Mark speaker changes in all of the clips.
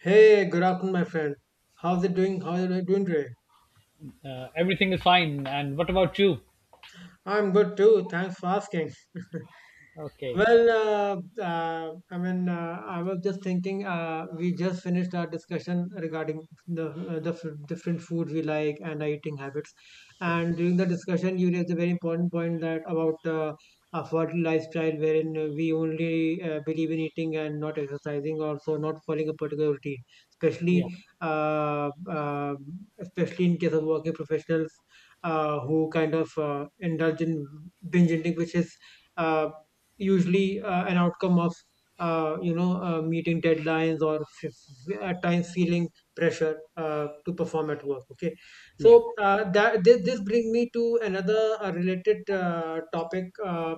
Speaker 1: Hey, good afternoon, my friend. How's it doing? How are you doing today?
Speaker 2: Everything is fine. And what about you?
Speaker 1: I'm good too. Thanks for asking.
Speaker 2: Okay.
Speaker 1: Well, I mean, I was just thinking. We just finished our discussion regarding the different foods we like and our eating habits.
Speaker 2: Yeah.
Speaker 1: And during the discussion, you raised a very important point that about a fertile lifestyle wherein we only believe in eating and not exercising, also not following a particular routine,
Speaker 2: Yeah.
Speaker 1: especially uh, uh, especially in case of working professionals who kind of indulge in binge eating, which is. uh, usually an outcome of meeting deadlines or at times feeling pressure to perform at work. Okay.
Speaker 2: Yeah.
Speaker 1: So that this, brings me to another related topic, uh,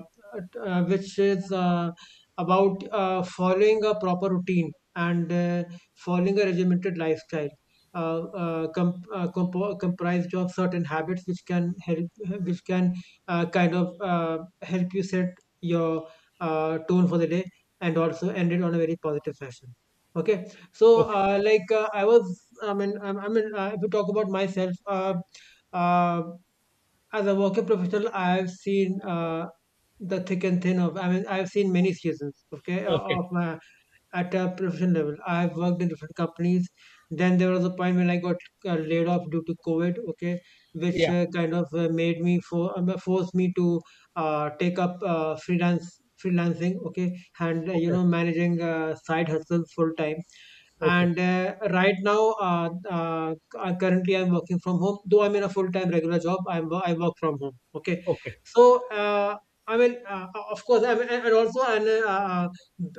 Speaker 1: uh, which is about following a proper routine and following a regimented lifestyle, comprised of certain habits which can help, which can kind of help you set your tone for the day and also end it on a very positive fashion. Okay. So,
Speaker 2: Okay.
Speaker 1: I was I mean I mean if you talk about myself, uh, as a working professional, I have seen the thick and thin of, I mean, I have seen many seasons. Okay. o-
Speaker 2: Okay.
Speaker 1: of my At a professional level, I have worked in different companies. Then there was a point when I got laid off due to COVID. Okay, which
Speaker 2: Yeah.
Speaker 1: kind of made me for forced me to take up freelance freelancing. Okay. And
Speaker 2: Okay.
Speaker 1: managing side hustles full time.
Speaker 2: Okay.
Speaker 1: And right now, currently I'm working from home, though I'm in a full-time regular job. I work from home. Okay.
Speaker 2: Okay.
Speaker 1: So, I mean, of course. I mean, and also, and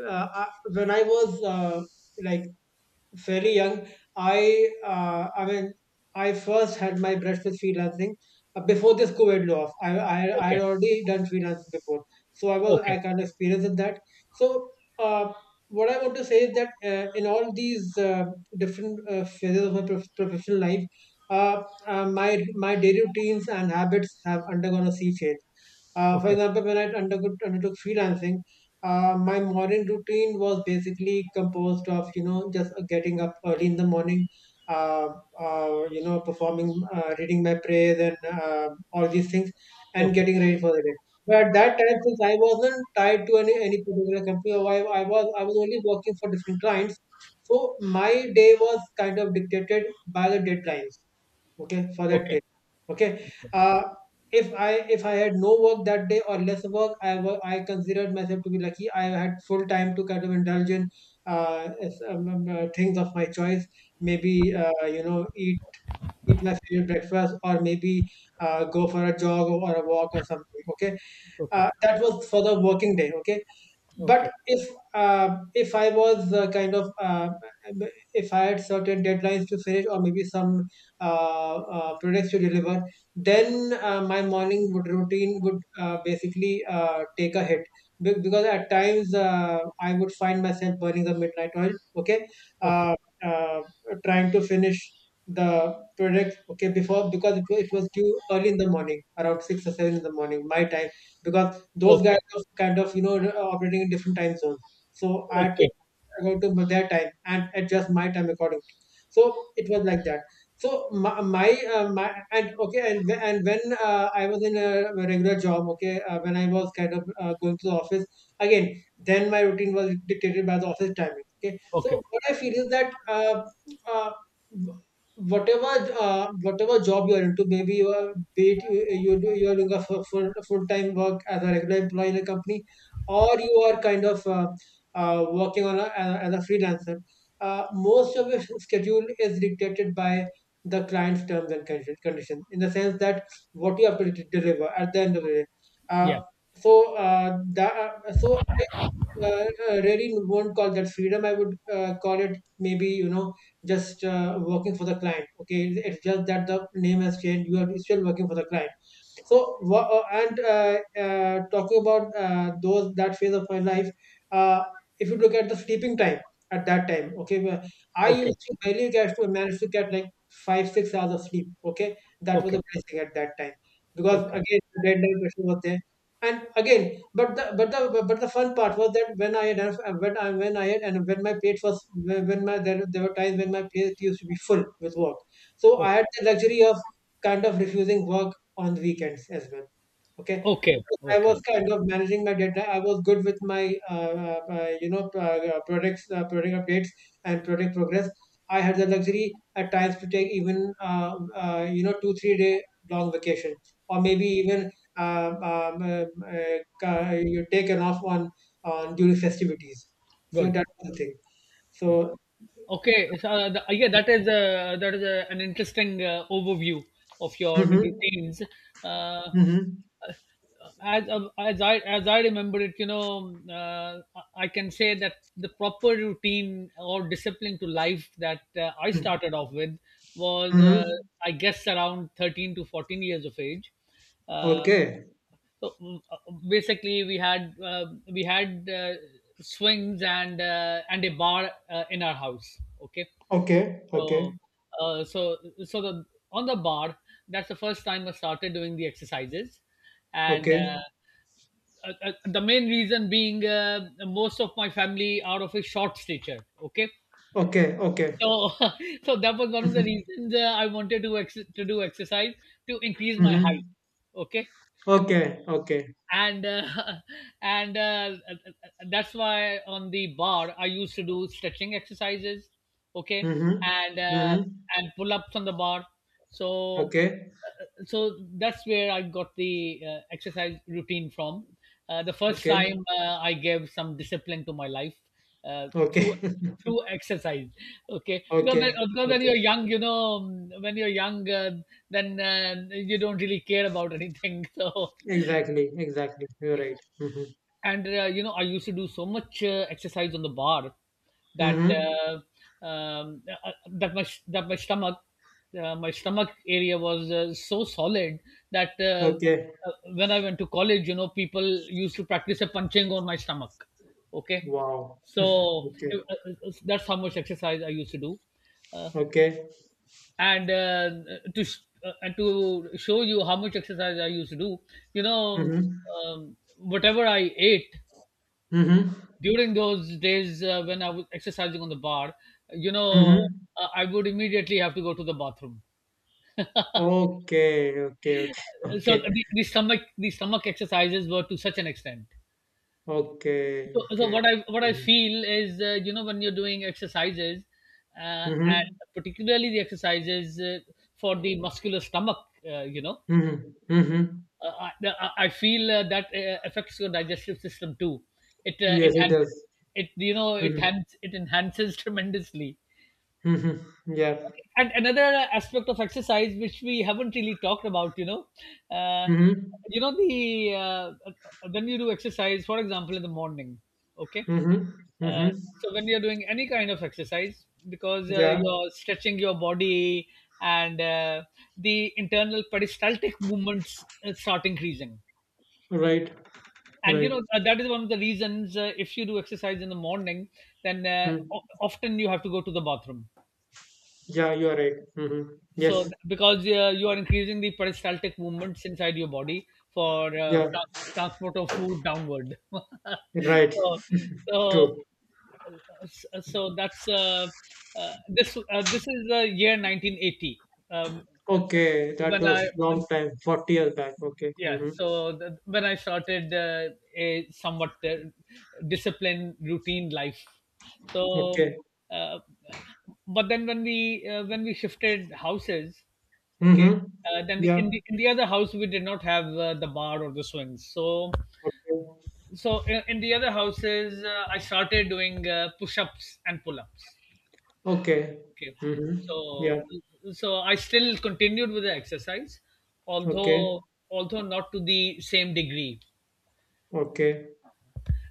Speaker 1: uh, uh, when I was like very young. I mean, I first had my brush with freelancing before this COVID law. I had
Speaker 2: Okay.
Speaker 1: already done freelance before, so
Speaker 2: Okay.
Speaker 1: I
Speaker 2: Okay.
Speaker 1: kind of experienced in that. So, uh, what I want to say is that in all these different phases of my professional life, my daily routines and habits have undergone a sea change. For
Speaker 2: Okay.
Speaker 1: example, when I undertook freelancing, my morning routine was basically composed of, you know, just getting up early in the morning, uh, you know, performing, reading my prayers and all these things, and
Speaker 2: Okay. Okay.
Speaker 1: getting ready for the day. But at that time, since I wasn't tied to any particular company, or I was only working for different clients, so my day was kind of dictated by the deadlines. Okay, for that day. Okay. If I had no work that day or less work, I considered myself to be lucky. I had full time to kind of indulge in things of my choice, maybe, you know, eat my favorite breakfast, or maybe go for a jog or a walk or something. Okay.
Speaker 2: Okay.
Speaker 1: That was for the working day. Okay.
Speaker 2: Okay.
Speaker 1: But if I was kind of if I had certain deadlines to finish or maybe some products to deliver, then my morning would routine would basically take a hit. Because at times I would find myself burning the midnight oil. Okay. uh, uh, Trying to finish the product. Okay, before, because it was due early in the morning around 6 or 7 in the morning, my time, because those guys are kind of, you know, operating in different time zones. So at,
Speaker 2: Okay. Okay.
Speaker 1: to their time, and adjust my time accordingly. So it was like that. So my, my and okay, and when I was in a regular job, okay, when I was kind of going to the office again, then my routine was dictated by the office timing. Okay. So
Speaker 2: Okay.
Speaker 1: what I feel is that uh, whatever job you're into, maybe you are, be it you do, you're doing a full time work as a regular employee in a company, or you are kind of working as a freelancer, most of your schedule is dictated by the client's conditions. In the sense that what you have to deliver at the end of the day. Uh,
Speaker 2: Yeah.
Speaker 1: so uh, that so I uh, really won't call that freedom. I would call it, maybe, you know, just working for the client. Okay, it's just that the name has changed. You are still working for the client. So, wha- and talking about those that phase of my life, uh, if you look at the sleeping time at that time, okay, where I
Speaker 2: Okay.
Speaker 1: used to barely get to manage to get like 5-6 hours of sleep. Okay, that was a
Speaker 2: Okay.
Speaker 1: blessing at that time because,
Speaker 2: Okay. Okay.
Speaker 1: again, the deadline pressure was there, and again, but the fun part was that when I had and when my plate was when my there were times when my plate used to be full with work, so I had the luxury of kind of refusing work on weekends as well. Okay.
Speaker 2: Okay.
Speaker 1: I
Speaker 2: Okay.
Speaker 1: was kind of managing my data. I was good with my, you know, products, product updates and product progress. I had the luxury at times to take even, you know, two, 3-day long vacation, or maybe even you take an off on during festivities. So
Speaker 2: Good.
Speaker 1: that's the thing.
Speaker 2: Good.
Speaker 1: So.
Speaker 2: Okay. So the, yeah, that is an interesting overview of your
Speaker 1: Mm-hmm,
Speaker 2: routines. Uh,
Speaker 1: mm-hmm,
Speaker 2: as I remember it, I can say that the proper routine or discipline to life that I
Speaker 1: mm-hmm.
Speaker 2: started off with was,
Speaker 1: Mm-hmm.
Speaker 2: I guess, around 13 to 14 years of age. Uh,
Speaker 1: Okay,
Speaker 2: Basically, we had swings and and a bar in our house. Okay,
Speaker 1: okay, okay,
Speaker 2: so so so the on the bar, that's the first time I started doing the exercises and
Speaker 1: okay,
Speaker 2: the main reason being most of my family are of a short stature. Okay.
Speaker 1: okay, okay.
Speaker 2: So so that was one of the
Speaker 1: Mhm,
Speaker 2: reasons I wanted to do exercise to increase my height.
Speaker 1: mhm.
Speaker 2: Okay.
Speaker 1: Okay, okay.
Speaker 2: And and that's why on the bar I used to do stretching exercises. Okay.
Speaker 1: Mhm,
Speaker 2: And uh,
Speaker 1: mhm.
Speaker 2: and pull ups on the bar. so
Speaker 1: Okay,
Speaker 2: so that's where I got the exercise routine from. The first
Speaker 1: okay,
Speaker 2: time I gave some discipline to my life uh, through
Speaker 1: okay,
Speaker 2: through exercise. Okay,
Speaker 1: okay,
Speaker 2: because when
Speaker 1: okay.
Speaker 2: you're young, when you're young, then you don't really care about anything. So,
Speaker 1: Exactly, exactly. You're
Speaker 2: yeah,
Speaker 1: right. Mhm,
Speaker 2: and I used to do so much exercise on the bar that
Speaker 1: mhm.
Speaker 2: my stomach, my stomach area was so solid that
Speaker 1: Okay.
Speaker 2: when I went to college, people used to practice a punching on my stomach. Okay.
Speaker 1: Wow.
Speaker 2: So
Speaker 1: Okay,
Speaker 2: uh, uh, that's how much exercise I used to do. uh,
Speaker 1: okay.
Speaker 2: and uh, and to show you how much exercise I used to do, you know,
Speaker 1: Mhm,
Speaker 2: whatever I ate
Speaker 1: mhm,
Speaker 2: during those days when I was exercising on the bar, you know,
Speaker 1: mhm.
Speaker 2: I would immediately have to go to the bathroom.
Speaker 1: Okay, okay, okay,
Speaker 2: So
Speaker 1: okay,
Speaker 2: the stomach exercises were to such an extent.
Speaker 1: okay,
Speaker 2: So
Speaker 1: okay.
Speaker 2: what I
Speaker 1: Mhm,
Speaker 2: feel is, when you're doing exercises, and
Speaker 1: mhm,
Speaker 2: particularly the exercises for the muscular stomach, uh, you know,
Speaker 1: mhm, mhm.
Speaker 2: I feel that affects your digestive system too. It
Speaker 1: Yes, it
Speaker 2: enhances
Speaker 1: does.
Speaker 2: it,
Speaker 1: Mhm,
Speaker 2: enhances it enhances tremendously.
Speaker 1: mhm. Yeah.
Speaker 2: Okay. And another aspect of exercise which we haven't really talked about, uh,
Speaker 1: Mhm,
Speaker 2: you know the when you do exercise, for example, in the morning. Okay.
Speaker 1: mhm, mhm.
Speaker 2: uh, so when you're doing any kind of exercise, because
Speaker 1: Yeah.
Speaker 2: you're stretching your body, and the internal peristaltic movements start increasing.
Speaker 1: Right.
Speaker 2: And
Speaker 1: Right.
Speaker 2: that is one of the reasons, if you do exercise in the morning, then
Speaker 1: Mm.
Speaker 2: often you have to go to the bathroom.
Speaker 1: Yeah, you are right. Hmm.
Speaker 2: So,
Speaker 1: Yes.
Speaker 2: because you are increasing the peristaltic movements inside your body for
Speaker 1: Yeah.
Speaker 2: transport of food downward.
Speaker 1: Right.
Speaker 2: so so
Speaker 1: True.
Speaker 2: so that's this this is the year 1980, um,
Speaker 1: Okay. That
Speaker 2: when I
Speaker 1: was long time, 40 years back. Okay.
Speaker 2: yeah.
Speaker 1: Hmm.
Speaker 2: So when I started a somewhat disciplined routine life. So,
Speaker 1: Okay.
Speaker 2: uh, but then when we when we shifted houses. Okay.
Speaker 1: Hmm.
Speaker 2: Then in
Speaker 1: Yeah.
Speaker 2: the in the other house we did not have the bar or the swings. so
Speaker 1: Okay.
Speaker 2: so in the other houses I started doing push-ups and pull-ups.
Speaker 1: Okay.
Speaker 2: Okay.
Speaker 1: Hmm.
Speaker 2: so
Speaker 1: Yeah.
Speaker 2: so I still continued with the exercise,
Speaker 1: Okay.
Speaker 2: although although not to the same degree.
Speaker 1: Okay.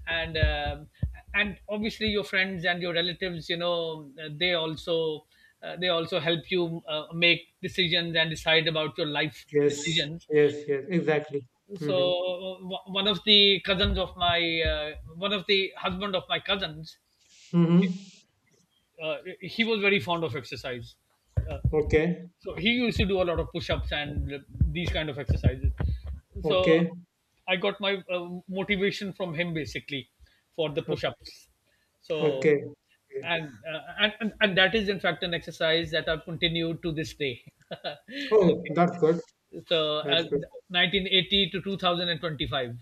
Speaker 2: And, um, and obviously your friends and your relatives, they also help you make decisions and decide about your life
Speaker 1: Yes.
Speaker 2: decisions.
Speaker 1: Yes. Yes. Exactly.
Speaker 2: So
Speaker 1: Hmm.
Speaker 2: one of the cousins of my one of the husband of my cousins. Okay.
Speaker 1: Hmm.
Speaker 2: He was very fond of exercise. Uh,
Speaker 1: Okay.
Speaker 2: so he used to do a lot of push-ups and these kind of exercises. So
Speaker 1: Okay.
Speaker 2: I got my motivation from him, basically, for the push-ups. So
Speaker 1: Okay. Okay.
Speaker 2: and that is, in fact, an exercise that I've continued to this day.
Speaker 1: Oh,
Speaker 2: Okay,
Speaker 1: that's good.
Speaker 2: so
Speaker 1: That's good.
Speaker 2: 1980 to 2025.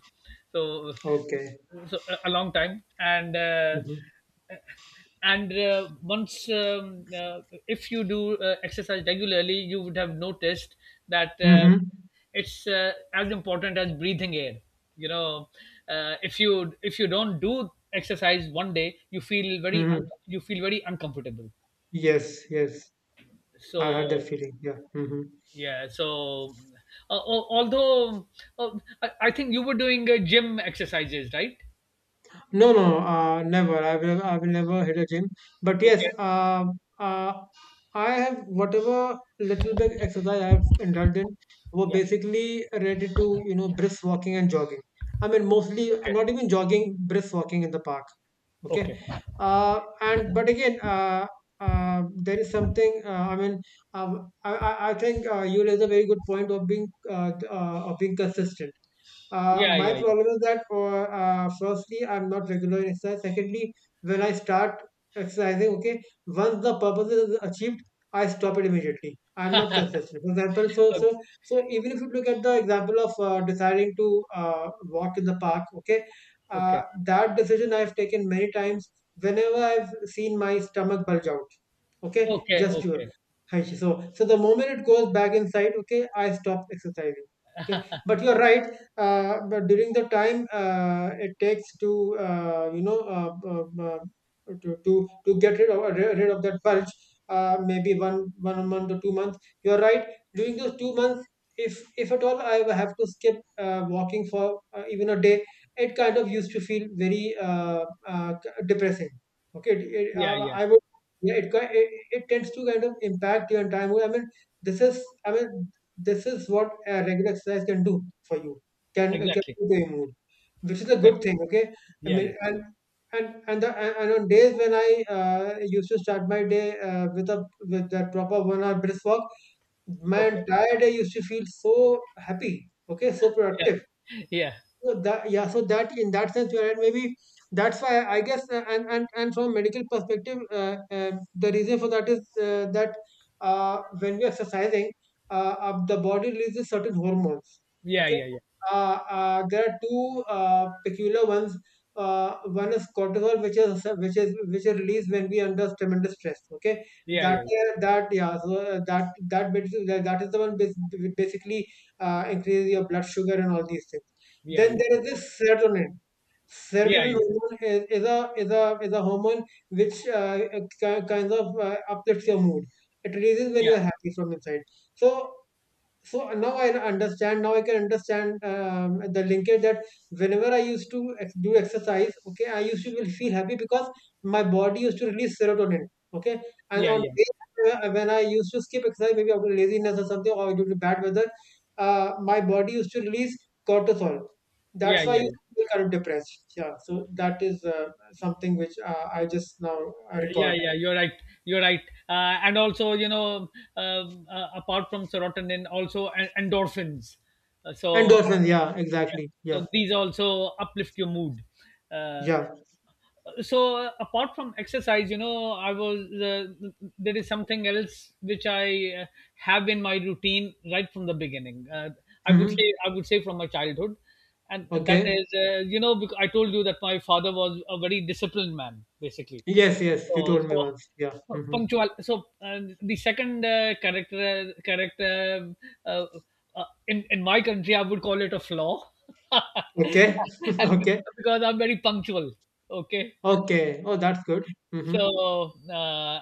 Speaker 2: So
Speaker 1: Okay.
Speaker 2: so a long time.
Speaker 1: Mm-hmm.
Speaker 2: And once, if you do exercise regularly, you would have noticed that
Speaker 1: Mm-hmm.
Speaker 2: it's as important as breathing air. you know if you don't do exercise one day, you feel very
Speaker 1: Mm-hmm.
Speaker 2: uncomfortable
Speaker 1: Yes, yes. I
Speaker 2: so,
Speaker 1: had that feeling. Yeah. Hmm.
Speaker 2: yeah. So uh, al- although uh, I think you were doing gym exercises, right?
Speaker 1: No, no, no, never. I will never hit a gym. But yes,
Speaker 2: Okay.
Speaker 1: uh, I have whatever little bit exercise I have indulged in were
Speaker 2: Yeah.
Speaker 1: basically related to, you know, brisk walking and jogging. I mean, mostly
Speaker 2: Okay.
Speaker 1: not even jogging, brisk walking in the park. Okay.
Speaker 2: Okay.
Speaker 1: And, but again, there is something, I think you raise a very good point of being consistent.
Speaker 2: Yeah.
Speaker 1: My
Speaker 2: Yeah. Yeah.
Speaker 1: problem is that, firstly, I'm not regular in exercise. Secondly, when I start exercising, okay, once the purpose is achieved, I stop it immediately. I'm not consistent, for example. so
Speaker 2: Okay.
Speaker 1: so so even if you look at the example of deciding to uh, walk in the park, okay,
Speaker 2: Okay.
Speaker 1: that decision I have taken many times whenever I've seen my stomach bulge out. Okay,
Speaker 2: Okay.
Speaker 1: just you.
Speaker 2: Okay.
Speaker 1: So, the moment it goes back inside, okay, I stop exercising. Okay, but you're right. But during the time it takes to to get rid of that bulge, maybe one month or 2 months. You're right. During those 2 months, if at all I have to skip walking for even a day, it kind of used to feel very depressing. Okay. It,
Speaker 2: Yeah,
Speaker 1: uh,
Speaker 2: yeah,
Speaker 1: I would, yeah, it, ki- it tends to kind of impact your entire mood. I mean, this is, I mean, this is what regular exercise can do for you. Can
Speaker 2: exactly,
Speaker 1: improve your mood, which is a good
Speaker 2: exactly.
Speaker 1: thing. Okay. I
Speaker 2: Yeah, yeah.
Speaker 1: mean, and the, and on days when I used to start my day with that proper 1 hour brisk walk, my
Speaker 2: Okay.
Speaker 1: entire day used to feel so happy. Okay, so productive.
Speaker 2: Yeah,
Speaker 1: So that Yeah, so that in that sense you're right. Maybe that's why, I guess. And from a medical perspective, the reason for that is that when we're exercising, the body releases certain hormones.
Speaker 2: yeah,
Speaker 1: Okay.
Speaker 2: yeah, yeah,
Speaker 1: There are two peculiar ones. One is cortisol, which is released when we are under tremendous stress. Okay.
Speaker 2: yeah,
Speaker 1: that
Speaker 2: yeah,
Speaker 1: uh, that yeah. So uh, that that bit- that that is the one, basically, increases your blood sugar and all these things.
Speaker 2: yeah,
Speaker 1: Then
Speaker 2: yeah,
Speaker 1: there is this serotonin.
Speaker 2: yeah,
Speaker 1: Serotonin hormone is a hormone which kind of uplifts your mood. It raises when you are happy from inside. So so now I can understand, the linkage that whenever I used to do exercise, okay, I used to will feel happy because my body used to release serotonin. Okay. And
Speaker 2: yeah, yeah, yeah, yeah, yeah,
Speaker 1: on
Speaker 2: yeah,
Speaker 1: days
Speaker 2: yeah.
Speaker 1: where- uh, when I used to skip exercise, maybe out of laziness or something, or due to bad weather, my body used to release cortisol.
Speaker 2: Yeah.
Speaker 1: That's why I used to feel kind of depressed. Yeah. So that is something which I just now
Speaker 2: Yeah,
Speaker 1: recalled.
Speaker 2: yeah, yeah. You're right. You're right. And also, apart from serotonin, also endorphins. So,
Speaker 1: Endorphins, yeah,
Speaker 2: yeah,
Speaker 1: exactly. Yeah,
Speaker 2: so these also uplift your mood. Uh,
Speaker 1: yeah.
Speaker 2: so apart from exercise, you know I was uh, there is something else which I uh, have in my routine right from the beginning. I would say
Speaker 1: Hmm.
Speaker 2: i would say from my childhood. And that
Speaker 1: Okay.
Speaker 2: is, because I told you that my father was a very disciplined man, basically.
Speaker 1: Yes, yes, you
Speaker 2: so,
Speaker 1: told me once. Yeah.
Speaker 2: so
Speaker 1: Hmm.
Speaker 2: punctual. So the second character, uh, in my country I would call it a flaw.
Speaker 1: Okay.
Speaker 2: And
Speaker 1: Okay.
Speaker 2: because I'm very punctual. Okay.
Speaker 1: Okay. Oh, that's good. Mm-hmm.
Speaker 2: so, uh,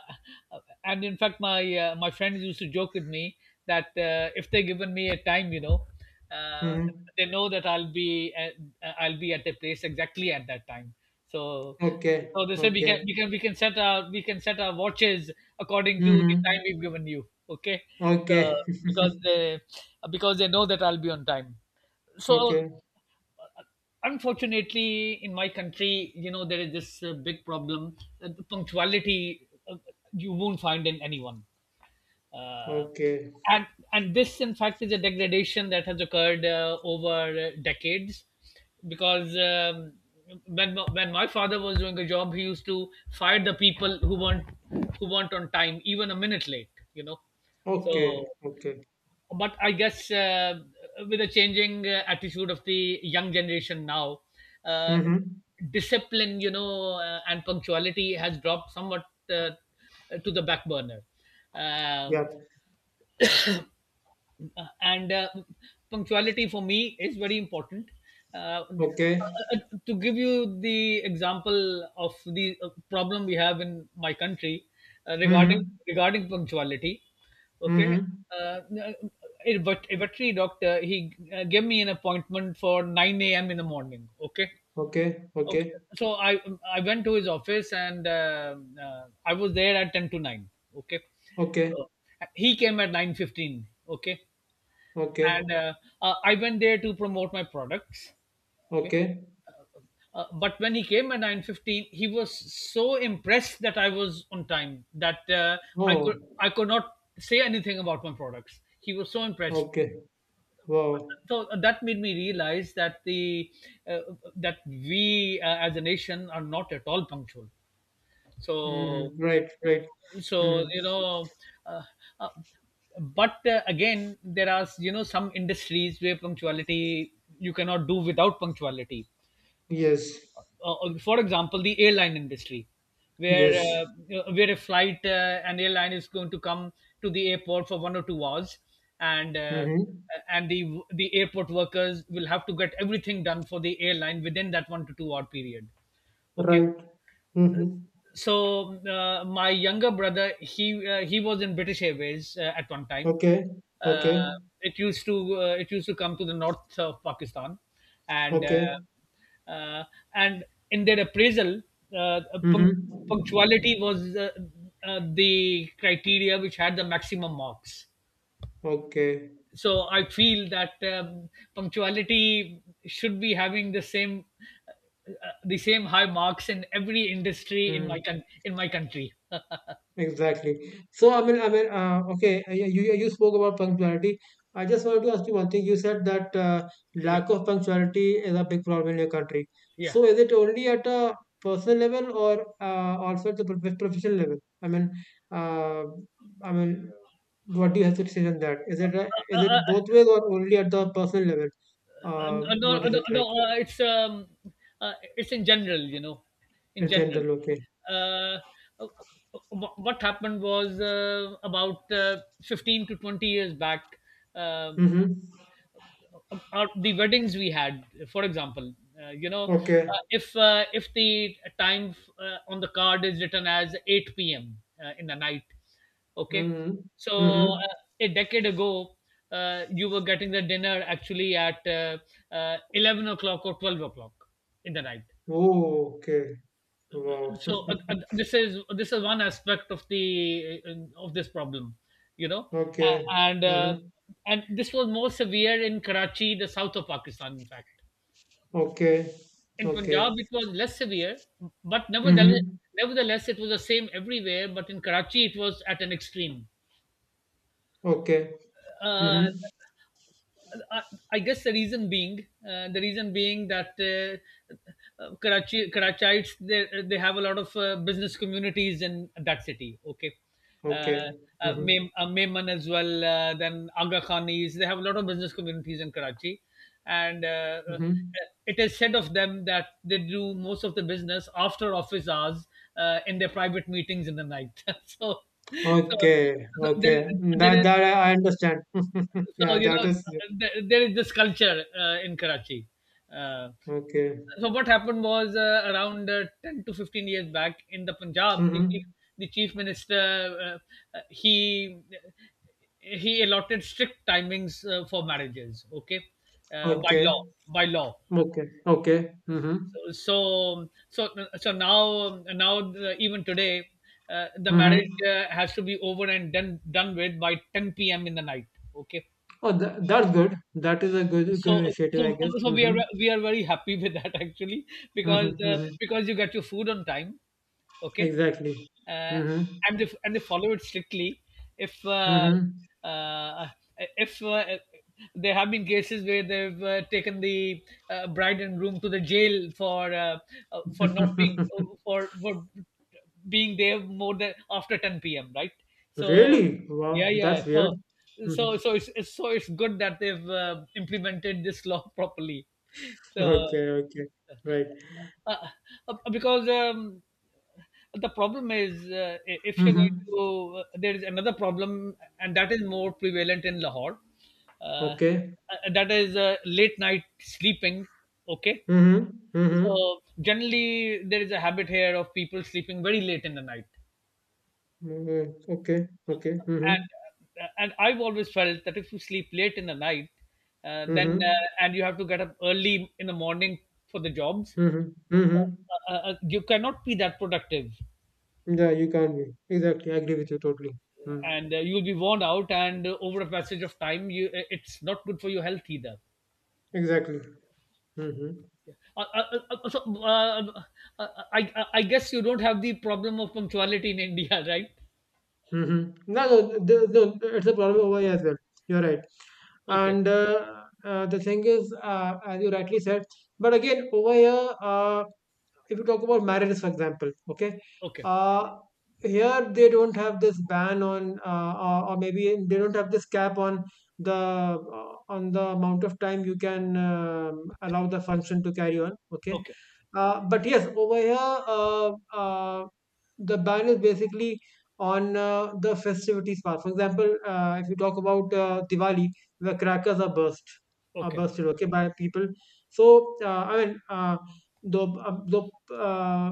Speaker 2: and, in fact, my friends used to joke with me that if they given me a time, uh,
Speaker 1: Mm-hmm.
Speaker 2: they know that I'll be at the place exactly at that time. So,
Speaker 1: Okay.
Speaker 2: so they said we can
Speaker 1: Okay.
Speaker 2: we can we can set our watches according to the
Speaker 1: Mm-hmm.
Speaker 2: time we've given you. Okay, so
Speaker 1: Okay.
Speaker 2: because they because they know that I'll be on time. So,
Speaker 1: Okay.
Speaker 2: unfortunately, in my country, there is this big problem. The punctuality, you won't find in anyone. uh,
Speaker 1: Okay.
Speaker 2: and this, in fact, is a degradation that has occurred over decades, because when my father was doing a job, he used to fire the people who weren't on time, even a minute late.
Speaker 1: Okay.
Speaker 2: So,
Speaker 1: Okay.
Speaker 2: but I guess with the changing attitude of the young generation now, uh,
Speaker 1: Mm-hmm.
Speaker 2: discipline, and punctuality has dropped somewhat uh, to the back burner.
Speaker 1: Yeah.
Speaker 2: Um and punctuality for me is very important. Uh, uh,
Speaker 1: Okay.
Speaker 2: uh, to give you the example of the problem we have in my country uh,
Speaker 1: Mm-hmm.
Speaker 2: regarding regarding punctuality. Okay.
Speaker 1: Mm-hmm.
Speaker 2: uh, uh, a a veterinary doctor, he gave me an appointment for 9 a.m. in the morning. Okay,
Speaker 1: Okay.
Speaker 2: okay.
Speaker 1: Okay.
Speaker 2: So I went to his office, and I was there at ten to nine. Okay.
Speaker 1: Okay.
Speaker 2: Uh, he came at 9:15. Okay, and
Speaker 1: Okay.
Speaker 2: I went there to promote my products. Okay,
Speaker 1: Okay.
Speaker 2: but when he came at 9:15, he was so impressed that I was on time that I could
Speaker 1: Oh.
Speaker 2: I could not say anything about my products. He was so impressed.
Speaker 1: Okay. Wow.
Speaker 2: So that made me realize that the uh, that we, as a nation, are not at all punctual. So
Speaker 1: Mm-hmm. Right. Right.
Speaker 2: so
Speaker 1: Mm-hmm.
Speaker 2: uh, uh, but again, there are, some industries where punctuality you cannot do without punctuality,
Speaker 1: Yes.
Speaker 2: for example, the airline industry, where
Speaker 1: Yes.
Speaker 2: uh, uh, where a flight an airline is going to come to the airport for 1 or 2 hours, and uh,
Speaker 1: Mm-hmm.
Speaker 2: and the the airport workers will have to get everything done for the airline within that 1 to 2 hour period. Okay,
Speaker 1: Right. Mm-hmm.
Speaker 2: so my younger brother, he was in British Airways at one time.
Speaker 1: Okay,
Speaker 2: uh,
Speaker 1: okay,
Speaker 2: it used to come to the north of Pakistan, and
Speaker 1: okay.
Speaker 2: and in their appraisal, uh, punct- punctuality
Speaker 1: Mm-hmm.
Speaker 2: was the criteria which had the maximum marks.
Speaker 1: Okay.
Speaker 2: So I feel that punctuality should be having uh, the same high marks in every industry in my
Speaker 1: Mm-hmm.
Speaker 2: con- in my country.
Speaker 1: Exactly. So I mean, okay. You spoke about punctuality. I just wanted to ask you one thing. You said that
Speaker 2: Yeah,
Speaker 1: lack of punctuality is a big problem in your country.
Speaker 2: yeah.
Speaker 1: So is it only at a personal level, or also at the professional level? I mean, uh, I mean, what do you have to say on that? Is it is it both ways, or only at the personal level? Uh,
Speaker 2: Uh, no,
Speaker 1: what is
Speaker 2: no,
Speaker 1: it
Speaker 2: no.
Speaker 1: like?
Speaker 2: It's in general, in
Speaker 1: It's
Speaker 2: general.
Speaker 1: general, okay.
Speaker 2: Uh, uh, what happened was about 15 to 20 years back. Um,
Speaker 1: Mhm.
Speaker 2: the weddings we had, for example,
Speaker 1: Okay.
Speaker 2: if the time on the card is written as 8 p.m. In the night. Okay,
Speaker 1: Mhm.
Speaker 2: so
Speaker 1: Mhm.
Speaker 2: a decade ago, you were getting the dinner actually at 11 o'clock or 12 o'clock in the night.
Speaker 1: Oh, okay. Wow.
Speaker 2: So this is one aspect of the of this problem, you know, uh,
Speaker 1: Okay.
Speaker 2: and uh,
Speaker 1: Mhm.
Speaker 2: and this was more severe in Karachi, the south of Pakistan, in fact.
Speaker 1: Okay.
Speaker 2: In Punjab,
Speaker 1: Okay.
Speaker 2: it was less severe, but nevertheless,
Speaker 1: Mhm.
Speaker 2: nevertheless, it was the same everywhere. But in Karachi, it was at an extreme
Speaker 1: Okay.
Speaker 2: uh,
Speaker 1: Mhm.
Speaker 2: I, I guess the reason being that Karachites, they have a lot of business communities in that city. Okay, uh,
Speaker 1: Okay. Mhm.
Speaker 2: Memon as well. Then Aga Khanis, they have a lot of business communities in Karachi, and
Speaker 1: Mhm.
Speaker 2: it is said of them that they do most of the business after office hours in their private meetings in the night. So,
Speaker 1: Okay.
Speaker 2: so there,
Speaker 1: Okay. That
Speaker 2: there
Speaker 1: that I I understand.
Speaker 2: so
Speaker 1: Yeah,
Speaker 2: you
Speaker 1: that
Speaker 2: know,
Speaker 1: is
Speaker 2: th- there is this culture in Karachi. Uh,
Speaker 1: okay.
Speaker 2: so what happened was around 10 to 15 years back in the Punjab, the chief,
Speaker 1: Mhm.
Speaker 2: the chief minister uh, uh, he he allotted strict timings for marriages. Okay, by law,
Speaker 1: Okay.
Speaker 2: by law.
Speaker 1: Okay. Okay. Mhm.
Speaker 2: So so so so now, even today, the
Speaker 1: Mhm.
Speaker 2: marriage has to be over and done with by 10 p.m. in the night. Okay,
Speaker 1: Oh, that's good. That is a good
Speaker 2: so
Speaker 1: initiative,
Speaker 2: so,
Speaker 1: I guess.
Speaker 2: so we are
Speaker 1: Mhm.
Speaker 2: we are very happy with that actually,
Speaker 1: Mhm. Mhm.
Speaker 2: because you get your food on time. Okay.
Speaker 1: Exactly.
Speaker 2: uh,
Speaker 1: Mm-hmm.
Speaker 2: and they and they follow it strictly. If uh,
Speaker 1: Mhm.
Speaker 2: uh, if there have been cases where they've taken the bride and groom to the jail for not being, for being there more than after 10 p.m. Right? So,
Speaker 1: Really? Wow,
Speaker 2: yeah, yeah.
Speaker 1: that's weird.
Speaker 2: So
Speaker 1: Mhm.
Speaker 2: so so it's good that they've implemented this law properly. So
Speaker 1: Okay, okay. Right.
Speaker 2: uh, because the problem is, I- if you're going
Speaker 1: Mm-hmm.
Speaker 2: to there is another problem and that is more prevalent in Lahore. uh,
Speaker 1: Okay.
Speaker 2: that is late night sleeping. Okay.
Speaker 1: Mm-hmm. Mm-hmm.
Speaker 2: So generally there is a habit here of people sleeping very late in the night,
Speaker 1: Mm-hmm. Okay. Okay. Mm-hmm.
Speaker 2: and I've always felt that if you sleep late in the night, then
Speaker 1: Mm-hmm.
Speaker 2: and you have to get up early in the morning for the jobs,
Speaker 1: Mm-hmm. Mm-hmm.
Speaker 2: you cannot be that productive.
Speaker 1: Yeah, you can't be. Exactly. I agree with you totally. Mm.
Speaker 2: And you'll be worn out, and over a passage of time, you it's not good for your health either.
Speaker 1: Exactly. Mm-hmm.
Speaker 2: Uh, so uh, I guess you don't have the problem of punctuality in India, right?
Speaker 1: Mm-hmm. No, it's a problem over here as well. You're right.
Speaker 2: Okay.
Speaker 1: And the thing is, as you rightly said, but again, over here, if you talk about marriages, for example, okay,
Speaker 2: Okay.
Speaker 1: uh, here they don't have this ban on, or maybe they don't have this cap on the amount of time you can allow the function to carry on, okay.
Speaker 2: Okay.
Speaker 1: But yes, over here, the ban is basically on the festivities part. For example, if you talk about Diwali, the crackers are burst are
Speaker 2: Okay.
Speaker 1: bursted okay, by people. So, I mean, the uh, the uh,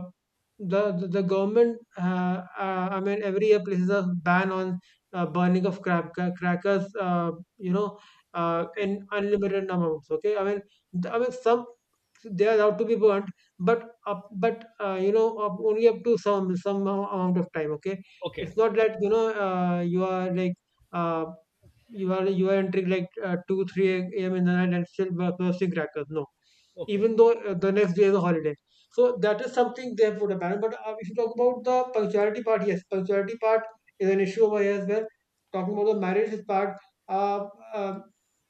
Speaker 1: the government , I mean, every year places a ban on burning of crackers, you know
Speaker 2: Okay.
Speaker 1: in unlimited amounts, okay. I mean, I mean, some, they are allowed to be burnt, but up but you know up only up to some amount of time, okay.
Speaker 2: Okay.
Speaker 1: It's not that, you are like, uh, you are entering like, 2-3 a.m. in the night, and still bursting crackers. No.
Speaker 2: Okay.
Speaker 1: Even though the next day is a holiday. So that is something they have put a ban. But if you talk about the punctuality part, yes, punctuality part is an issue over here as well. Talking about the marriages part, uh, uh,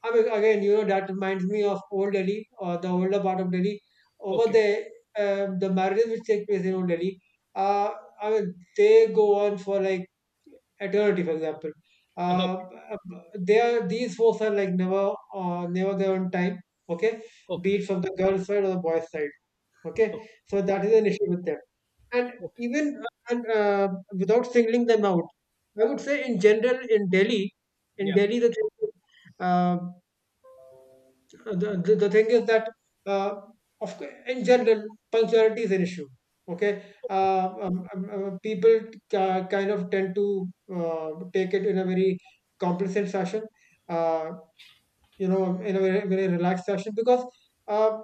Speaker 1: I mean, again, you know that reminds me of Old Delhi, or the older part of Delhi. Over
Speaker 2: Okay.
Speaker 1: there, the marriages which take place in Old Delhi, uh, I mean, they go on for like eternity. For example,
Speaker 2: Okay.
Speaker 1: uh, they are, these folks are like never, never there on time, okay, be
Speaker 2: Okay.
Speaker 1: it from the girl's side or the boy's side. Okay,
Speaker 2: Okay.
Speaker 1: so that is an issue with them. And
Speaker 2: Okay.
Speaker 1: even and without singling them out, I would say, in general, in delhi in
Speaker 2: Yeah.
Speaker 1: delhi the thing is, uh, the thing is that, uh, in general, punctuality is an issue, okay. People kind of tend to take it in a very complacent fashion, uh, in a very, very relaxed fashion, because uh,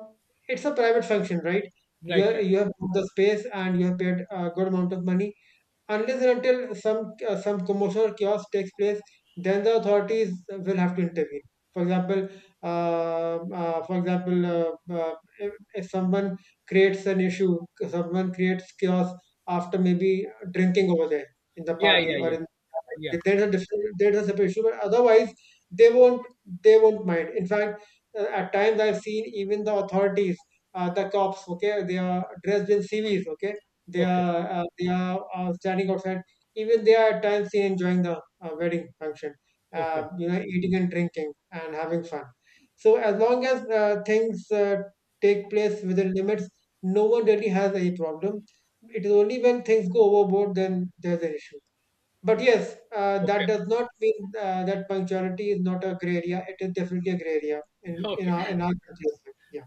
Speaker 1: it's a private function, right? you
Speaker 2: Right.
Speaker 1: have,
Speaker 2: Right.
Speaker 1: you have booked the space, and you have paid a good amount of money. Unless and until some commotion or chaos takes place, then the authorities will have to intervene. For example, uh, for example, if someone creates an issue, someone creates chaos after maybe drinking over there in the
Speaker 2: Yeah.
Speaker 1: party,
Speaker 2: Yeah.
Speaker 1: or
Speaker 2: Yeah.
Speaker 1: in
Speaker 2: Yeah.
Speaker 1: there's a different there's a separate issue, but otherwise they won't they won't mind. In fact, at times I've seen even the authorities, the cops, okay, they are dressed in CVs, okay, they
Speaker 2: Okay.
Speaker 1: are standing outside. Even they are at times seen enjoying the wedding function.
Speaker 2: Okay.
Speaker 1: You know, eating and drinking and having fun. So as long as things take place within limits, no one really has any problem. It is only when things go overboard, then there's an issue. But yes, that
Speaker 2: Okay.
Speaker 1: does not mean that punctuality is not a gray area. It is definitely a gray area in in
Speaker 2: Okay.
Speaker 1: our in our country as well. Yeah,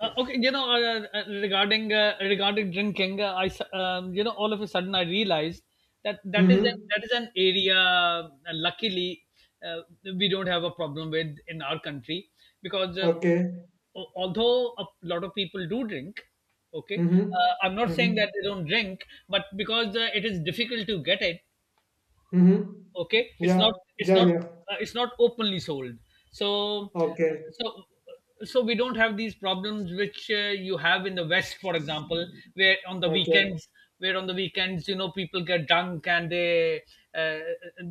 Speaker 2: Uh,
Speaker 1: yeah.
Speaker 2: okay, regarding drinking. I s- you know All of a sudden I realized that that is an,
Speaker 1: Mm-hmm.
Speaker 2: that is an area. Luckily, uh, we don't have a problem with in our country, because uh,
Speaker 1: Okay.
Speaker 2: al- although a lot of people do drink, okay,
Speaker 1: Mm-hmm.
Speaker 2: I'm not saying
Speaker 1: Mm-hmm.
Speaker 2: that they don't drink, but because it is difficult to get it.
Speaker 1: Mm-hmm.
Speaker 2: Okay. it's
Speaker 1: Yeah,
Speaker 2: not it's
Speaker 1: yeah,
Speaker 2: not
Speaker 1: yeah.
Speaker 2: uh, it's not openly sold. so
Speaker 1: Okay,
Speaker 2: so so we don't have these problems which you have in the West, for example, where on the
Speaker 1: okay,
Speaker 2: weekends where on the weekends people get drunk and uh,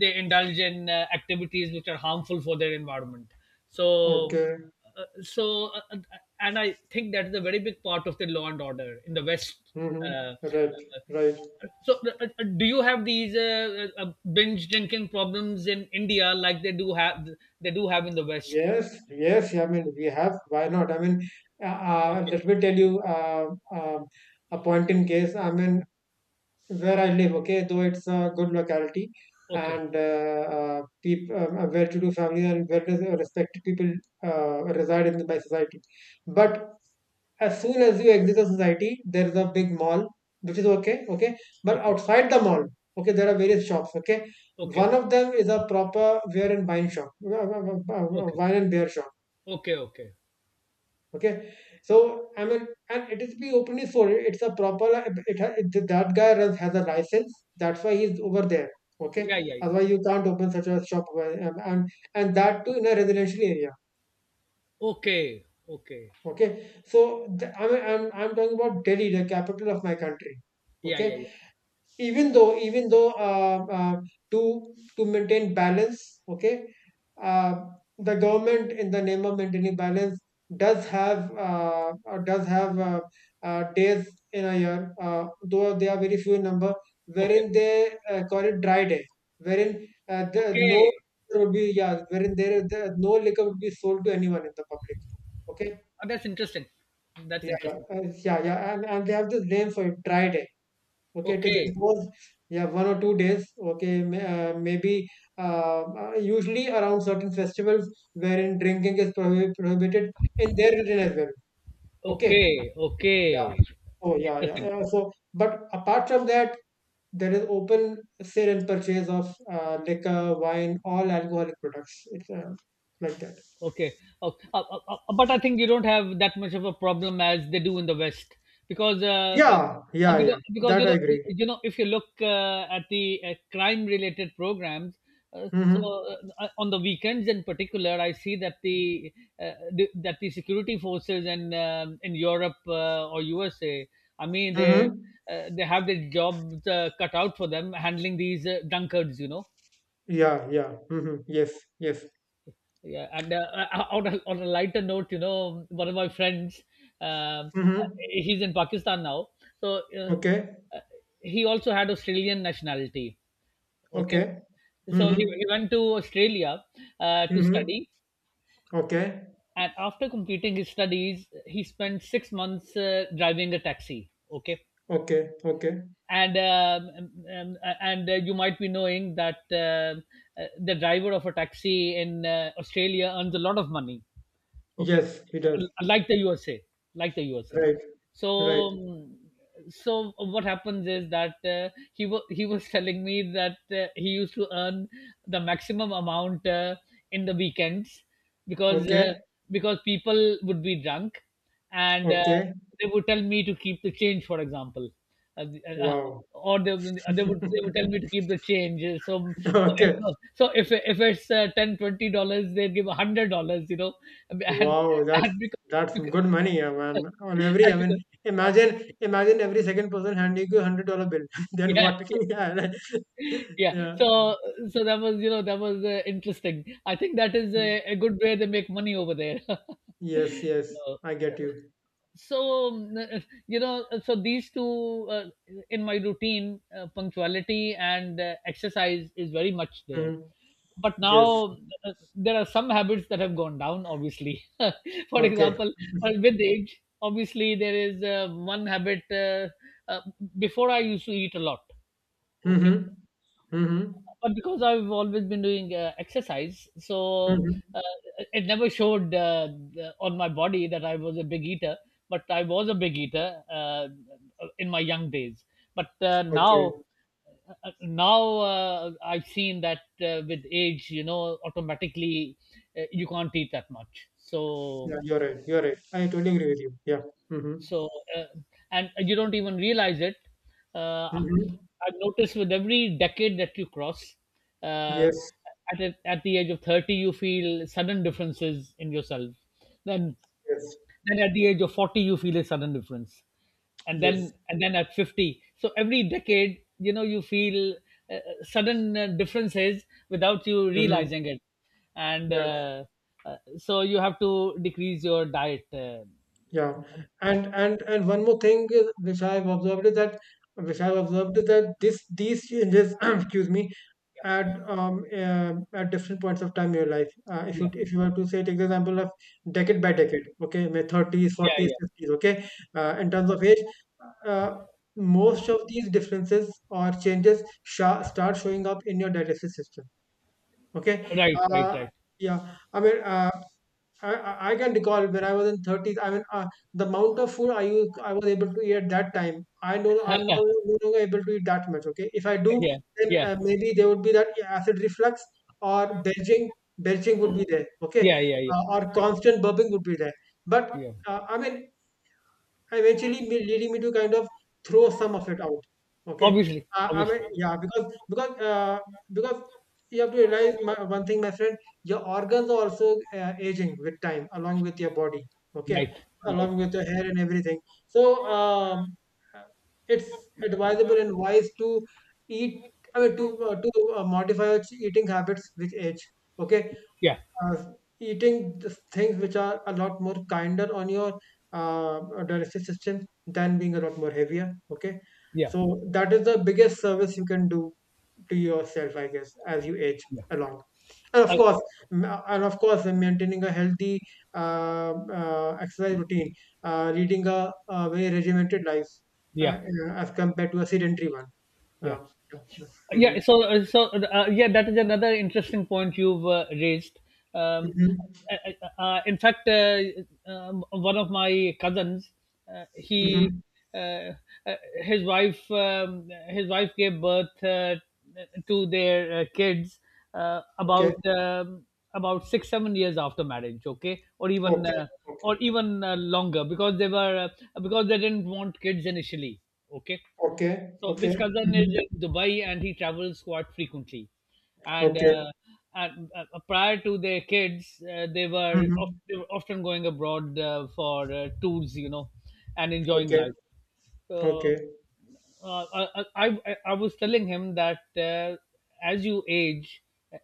Speaker 2: they indulge in activities which are harmful for their environment. so
Speaker 1: okay.
Speaker 2: uh, so uh, uh, and I think that is a very big part of the law and order in the West.
Speaker 1: Mm-hmm.
Speaker 2: Uh,
Speaker 1: Right, right.
Speaker 2: uh, so do you have these binge drinking problems in India like they do have in the West?
Speaker 1: Yes, yes. I mean, we have. Why not? I mean, let me tell you, a point in case. I mean, where I live. Okay, though it's a good locality,
Speaker 2: Okay,
Speaker 1: and people, well-to-do families and well-respected people reside in my society. But
Speaker 2: okay,
Speaker 1: as soon as you exit the society, there is a big mall, which is okay, okay. But
Speaker 2: okay,
Speaker 1: outside the mall, okay, there are various shops, okay.
Speaker 2: okay,
Speaker 1: One of them is a proper wear and wine shop,
Speaker 2: okay,
Speaker 1: wine and beer shop,
Speaker 2: okay, okay.
Speaker 1: okay. So I mean, and it is be openly sold. It's a proper. It, that guy runs, has a license. That's why he's over there,
Speaker 2: Yeah,
Speaker 1: okay.
Speaker 2: yeah,
Speaker 1: Otherwise, you
Speaker 2: yeah.
Speaker 1: can't open such a shop, uh, and and, and that too in a residential area,
Speaker 2: Okay, okay.
Speaker 1: okay. So, I mean, I'm talking about Delhi, the capital of my country,
Speaker 2: Yeah, yeah, yeah.
Speaker 1: okay. Even though, to maintain balance, okay, uh, the government, in the name of maintaining balance, does have, days in a year, though they are very few in number,
Speaker 2: Okay,
Speaker 1: wherein they call it dry day, wherein the, no
Speaker 2: okay.
Speaker 1: liquor would be yeah, wherein no liquor would be sold to anyone in the public, okay.
Speaker 2: Oh, that's interesting. That's
Speaker 1: Yeah, yeah,
Speaker 2: interesting.
Speaker 1: yeah, yeah. And they have this name for it, dry day. Okay, it is
Speaker 2: Okay,
Speaker 1: exposed, yeah, 1 or 2 days. Okay, maybe usually around certain festivals wherein drinking is prohibited in their religion as well. Okay,
Speaker 2: okay, okay.
Speaker 1: yeah, oh yeah, yeah,
Speaker 2: Interesting.
Speaker 1: yeah. So, but apart from that, there is open sale and purchase of liquor, wine, all alcoholic products. It's like that.
Speaker 2: Okay. Uh, uh, uh, but I think you don't have that much of a problem as they do in the West, because uh, uh,
Speaker 1: Yeah,
Speaker 2: uh,
Speaker 1: yeah, yeah.
Speaker 2: because, because
Speaker 1: That I agree.
Speaker 2: if you look at the crime related programs.
Speaker 1: Mm-hmm.
Speaker 2: On the weekends in particular, I see that the that the security forces in Europe or USA, I mean, they
Speaker 1: Mm-hmm.
Speaker 2: uh, they have their jobs cut out for them handling these drunkards.
Speaker 1: Yeah, yeah. Mm-hmm. Yes, yes.
Speaker 2: Yeah, and on a lighter note, one of my friends, um,
Speaker 1: Mm-hmm.
Speaker 2: he's in Pakistan now, so
Speaker 1: Okay,
Speaker 2: uh, he also had Australian nationality. Okay,
Speaker 1: okay.
Speaker 2: so he,
Speaker 1: Mm-hmm.
Speaker 2: he went to Australia to
Speaker 1: Mm-hmm.
Speaker 2: study,
Speaker 1: Okay.
Speaker 2: and after completing his studies, he spent 6 months driving a taxi. Okay.
Speaker 1: Okay. Okay.
Speaker 2: And you might be knowing that the driver of a taxi in Australia earns a lot of money. Okay.
Speaker 1: Yes, he
Speaker 2: Uh,
Speaker 1: does.
Speaker 2: like the USA, like the USA.
Speaker 1: Right.
Speaker 2: so
Speaker 1: Right.
Speaker 2: mm, so what happens is that he was telling me that he used to earn the maximum amount in the weekends, because uh,
Speaker 1: Okay.
Speaker 2: because people would be drunk, and
Speaker 1: Okay.
Speaker 2: they would tell me to keep the change, for example. uh, uh, uh,
Speaker 1: Wow.
Speaker 2: or they, would- they would they would tell me to keep the change. so
Speaker 1: Okay.
Speaker 2: so, so if it's 10 $20, they give $100. And
Speaker 1: Wow. That's
Speaker 2: and because
Speaker 1: that's some
Speaker 2: because
Speaker 1: good money. I mean, on every. I
Speaker 2: and
Speaker 1: mean,
Speaker 2: because
Speaker 1: imagine every second person handing you $100 bill. Then
Speaker 2: yeah,
Speaker 1: what? Yeah. Right.
Speaker 2: yeah, yeah.
Speaker 1: Yeah.
Speaker 2: So that was interesting. I think that is
Speaker 1: Mm.
Speaker 2: a good way they make money over there.
Speaker 1: Yes. Yes.
Speaker 2: Uh,
Speaker 1: I get you.
Speaker 2: so these two, in my routine, punctuality and exercise, is very much there.
Speaker 1: Mm.
Speaker 2: But
Speaker 1: Yes.
Speaker 2: now there are some habits that have gone down, obviously. For
Speaker 1: Okay.
Speaker 2: example, with age obviously there is one habit. Uh, Before, I used to eat a lot. Okay.
Speaker 1: Mm-hmm. Mm-hmm.
Speaker 2: But because I've always been doing exercise, so
Speaker 1: Mm-hmm.
Speaker 2: uh, it never showed on my body that I was a big eater. But I was a big eater in my young days. But
Speaker 1: Okay.
Speaker 2: now I've seen that with age, automatically you can't eat that much. So
Speaker 1: Yeah, you're right. You're right. I totally agree with you. Yeah. Mm-hmm.
Speaker 2: so, uh, and you don't even realize it. Uh,
Speaker 1: Mm-hmm.
Speaker 2: I've noticed with every decade that you cross, uh,
Speaker 1: Yes.
Speaker 2: at the age of 30, you feel sudden differences in yourself. Then,
Speaker 1: Yes.
Speaker 2: then at the age of 40, you feel a sudden difference. And
Speaker 1: Yes.
Speaker 2: then, and then at 50. So every decade, you feel sudden differences without you
Speaker 1: Mm-hmm.
Speaker 2: realizing it. And
Speaker 1: Yeah.
Speaker 2: so you have to decrease your diet.
Speaker 1: Yeah. And one more thing is, which I've observed is that this these changes, excuse me, at different points of time in your life. Uh, if
Speaker 2: Yeah.
Speaker 1: you if you were to say, take the example of decade by decade, okay, my thirties,
Speaker 2: Yeah.
Speaker 1: forties,
Speaker 2: Yeah.
Speaker 1: fifties, okay, in terms of age, uh, most of these differences or changes sha start showing up in your digestive system. Okay.
Speaker 2: Right, right,
Speaker 1: uh,
Speaker 2: right.
Speaker 1: yeah, I mean. I can recall when I was in 30s. I mean, the amount of food I used, I was able to eat at that time. I know I'm not, no longer able to eat that much. Okay, if I do,
Speaker 2: Yeah,
Speaker 1: then
Speaker 2: yeah,
Speaker 1: maybe there would be that acid reflux or belching would be there. Okay,
Speaker 2: yeah, yeah,
Speaker 1: or
Speaker 2: yeah,
Speaker 1: constant burping would be there. But
Speaker 2: yeah.
Speaker 1: I mean, eventually me leading me to kind of throw some of it out. Okay.
Speaker 2: Obviously,
Speaker 1: I, I
Speaker 2: obviously.
Speaker 1: mean, yeah, because you have to realize, my, one thing, my friend. Your organs are also aging with time, along with your body. Okay,
Speaker 2: Right, right.
Speaker 1: along with your hair and everything. So uh, it's advisable and wise to eat. I mean, to modify your eating habits with age. Okay,
Speaker 2: Yeah,
Speaker 1: uh, eating the things which are a lot more kinder on your uh, digestive system than being a lot more heavier. Okay,
Speaker 2: yeah,
Speaker 1: so that is the biggest service you can do to yourself, I guess, as you age
Speaker 2: yeah.
Speaker 1: along. And of
Speaker 2: I,
Speaker 1: course, maintaining a healthy exercise routine, leading a very regimented life, uh,
Speaker 2: yeah,
Speaker 1: as compared to a sedentary one.
Speaker 2: yeah.
Speaker 1: Uh, yeah. Mhm.
Speaker 2: Yeah, so that is another interesting point you've raised. um,
Speaker 1: Mhm.
Speaker 2: uh, in fact, one of my cousins, he
Speaker 1: Mhm.
Speaker 2: uh, uh, his wife gave birth to their kids uh,
Speaker 1: Okay.
Speaker 2: about um, about 6 7 years after marriage. Okay. or even
Speaker 1: Okay.
Speaker 2: uh,
Speaker 1: Okay.
Speaker 2: or even uh, longer, because they were because they didn't want kids initially. Okay.
Speaker 1: Okay,
Speaker 2: So
Speaker 1: okay,
Speaker 2: this cousin is
Speaker 1: mhm,
Speaker 2: in Dubai and he travels quite frequently. And,
Speaker 1: okay,
Speaker 2: uh, and prior to their kids,
Speaker 1: mhm,
Speaker 2: they were often going abroad for tours, and enjoying
Speaker 1: okay,
Speaker 2: life. So
Speaker 1: okay,
Speaker 2: I was telling him that as you age,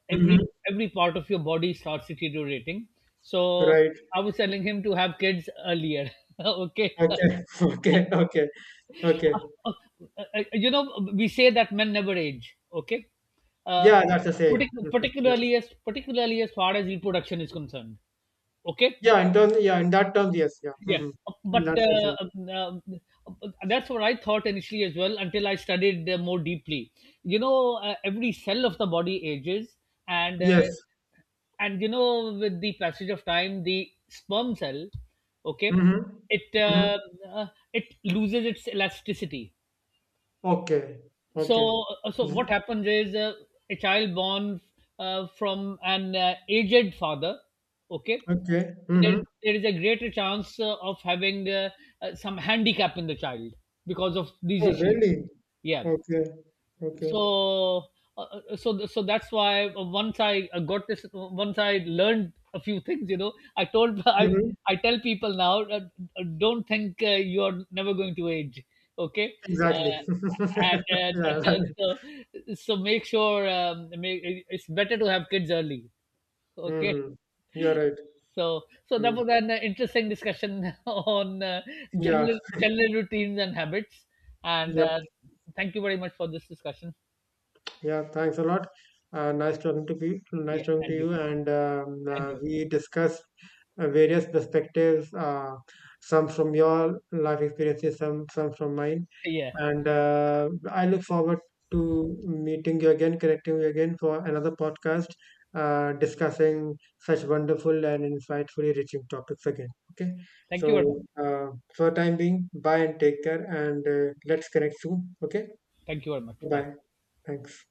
Speaker 2: every
Speaker 1: mhm,
Speaker 2: every part of your body starts deteriorating. So
Speaker 1: right,
Speaker 2: I was telling him to have kids earlier. Okay.
Speaker 1: okay, okay, okay, okay.
Speaker 2: uh, uh, we say that men never age. Okay. uh,
Speaker 1: Yeah, that's the saying.
Speaker 2: partic-
Speaker 1: Mhm. Yeah,
Speaker 2: particularly as particularly as far as reproduction is concerned. Okay.
Speaker 1: yeah, in terms, yeah, in that terms, yes, yeah,
Speaker 2: Yeah.
Speaker 1: mhm, in
Speaker 2: But
Speaker 1: that sense, yeah.
Speaker 2: that's what I thought initially as well, until I studied more deeply. Every cell of the body ages, and uh,
Speaker 1: Yes.
Speaker 2: and with the passage of time, the sperm cell, okay,
Speaker 1: Mm-hmm,
Speaker 2: it
Speaker 1: mm-hmm.
Speaker 2: uh, uh, it loses its elasticity.
Speaker 1: Okay, okay,
Speaker 2: So what
Speaker 1: mhm,
Speaker 2: happens is, a child born from an aged father, okay,
Speaker 1: okay,
Speaker 2: there,
Speaker 1: mm-hmm.
Speaker 2: there is a greater chance of having some handicap in the child because of these
Speaker 1: Oh,
Speaker 2: issues.
Speaker 1: really?
Speaker 2: Yeah.
Speaker 1: Okay, okay,
Speaker 2: So uh, uh, uh, so so that's why, once I learned a few things, I told i
Speaker 1: mm-hmm.
Speaker 2: i tell people now, don't think you're never going to age. Okay.
Speaker 1: Exactly.
Speaker 2: uh, and,
Speaker 1: Yeah,
Speaker 2: and,
Speaker 1: right.
Speaker 2: and so so it's better to have kids early. Okay.
Speaker 1: Mm-hmm. You're right.
Speaker 2: So so that
Speaker 1: Mm.
Speaker 2: was an interesting discussion on
Speaker 1: Yeah,
Speaker 2: general routines and habits. And
Speaker 1: yep.
Speaker 2: Thank you very much for this discussion.
Speaker 1: Yeah, thanks a lot. Nice talking to you. Nice
Speaker 2: Yeah,
Speaker 1: talking to
Speaker 2: and you
Speaker 1: you. And
Speaker 2: And you.
Speaker 1: we discussed various perspectives, some from your life experiences, some from mine.
Speaker 2: Yeah.
Speaker 1: And I look forward to meeting you again, connecting you again for another podcast, discussing such wonderful and insightfully reaching topics again. Okay.
Speaker 2: Thank you very much.
Speaker 1: So, for the time being, bye and take care, and let's connect soon. Okay.
Speaker 2: Bye.
Speaker 1: Bye. Thanks.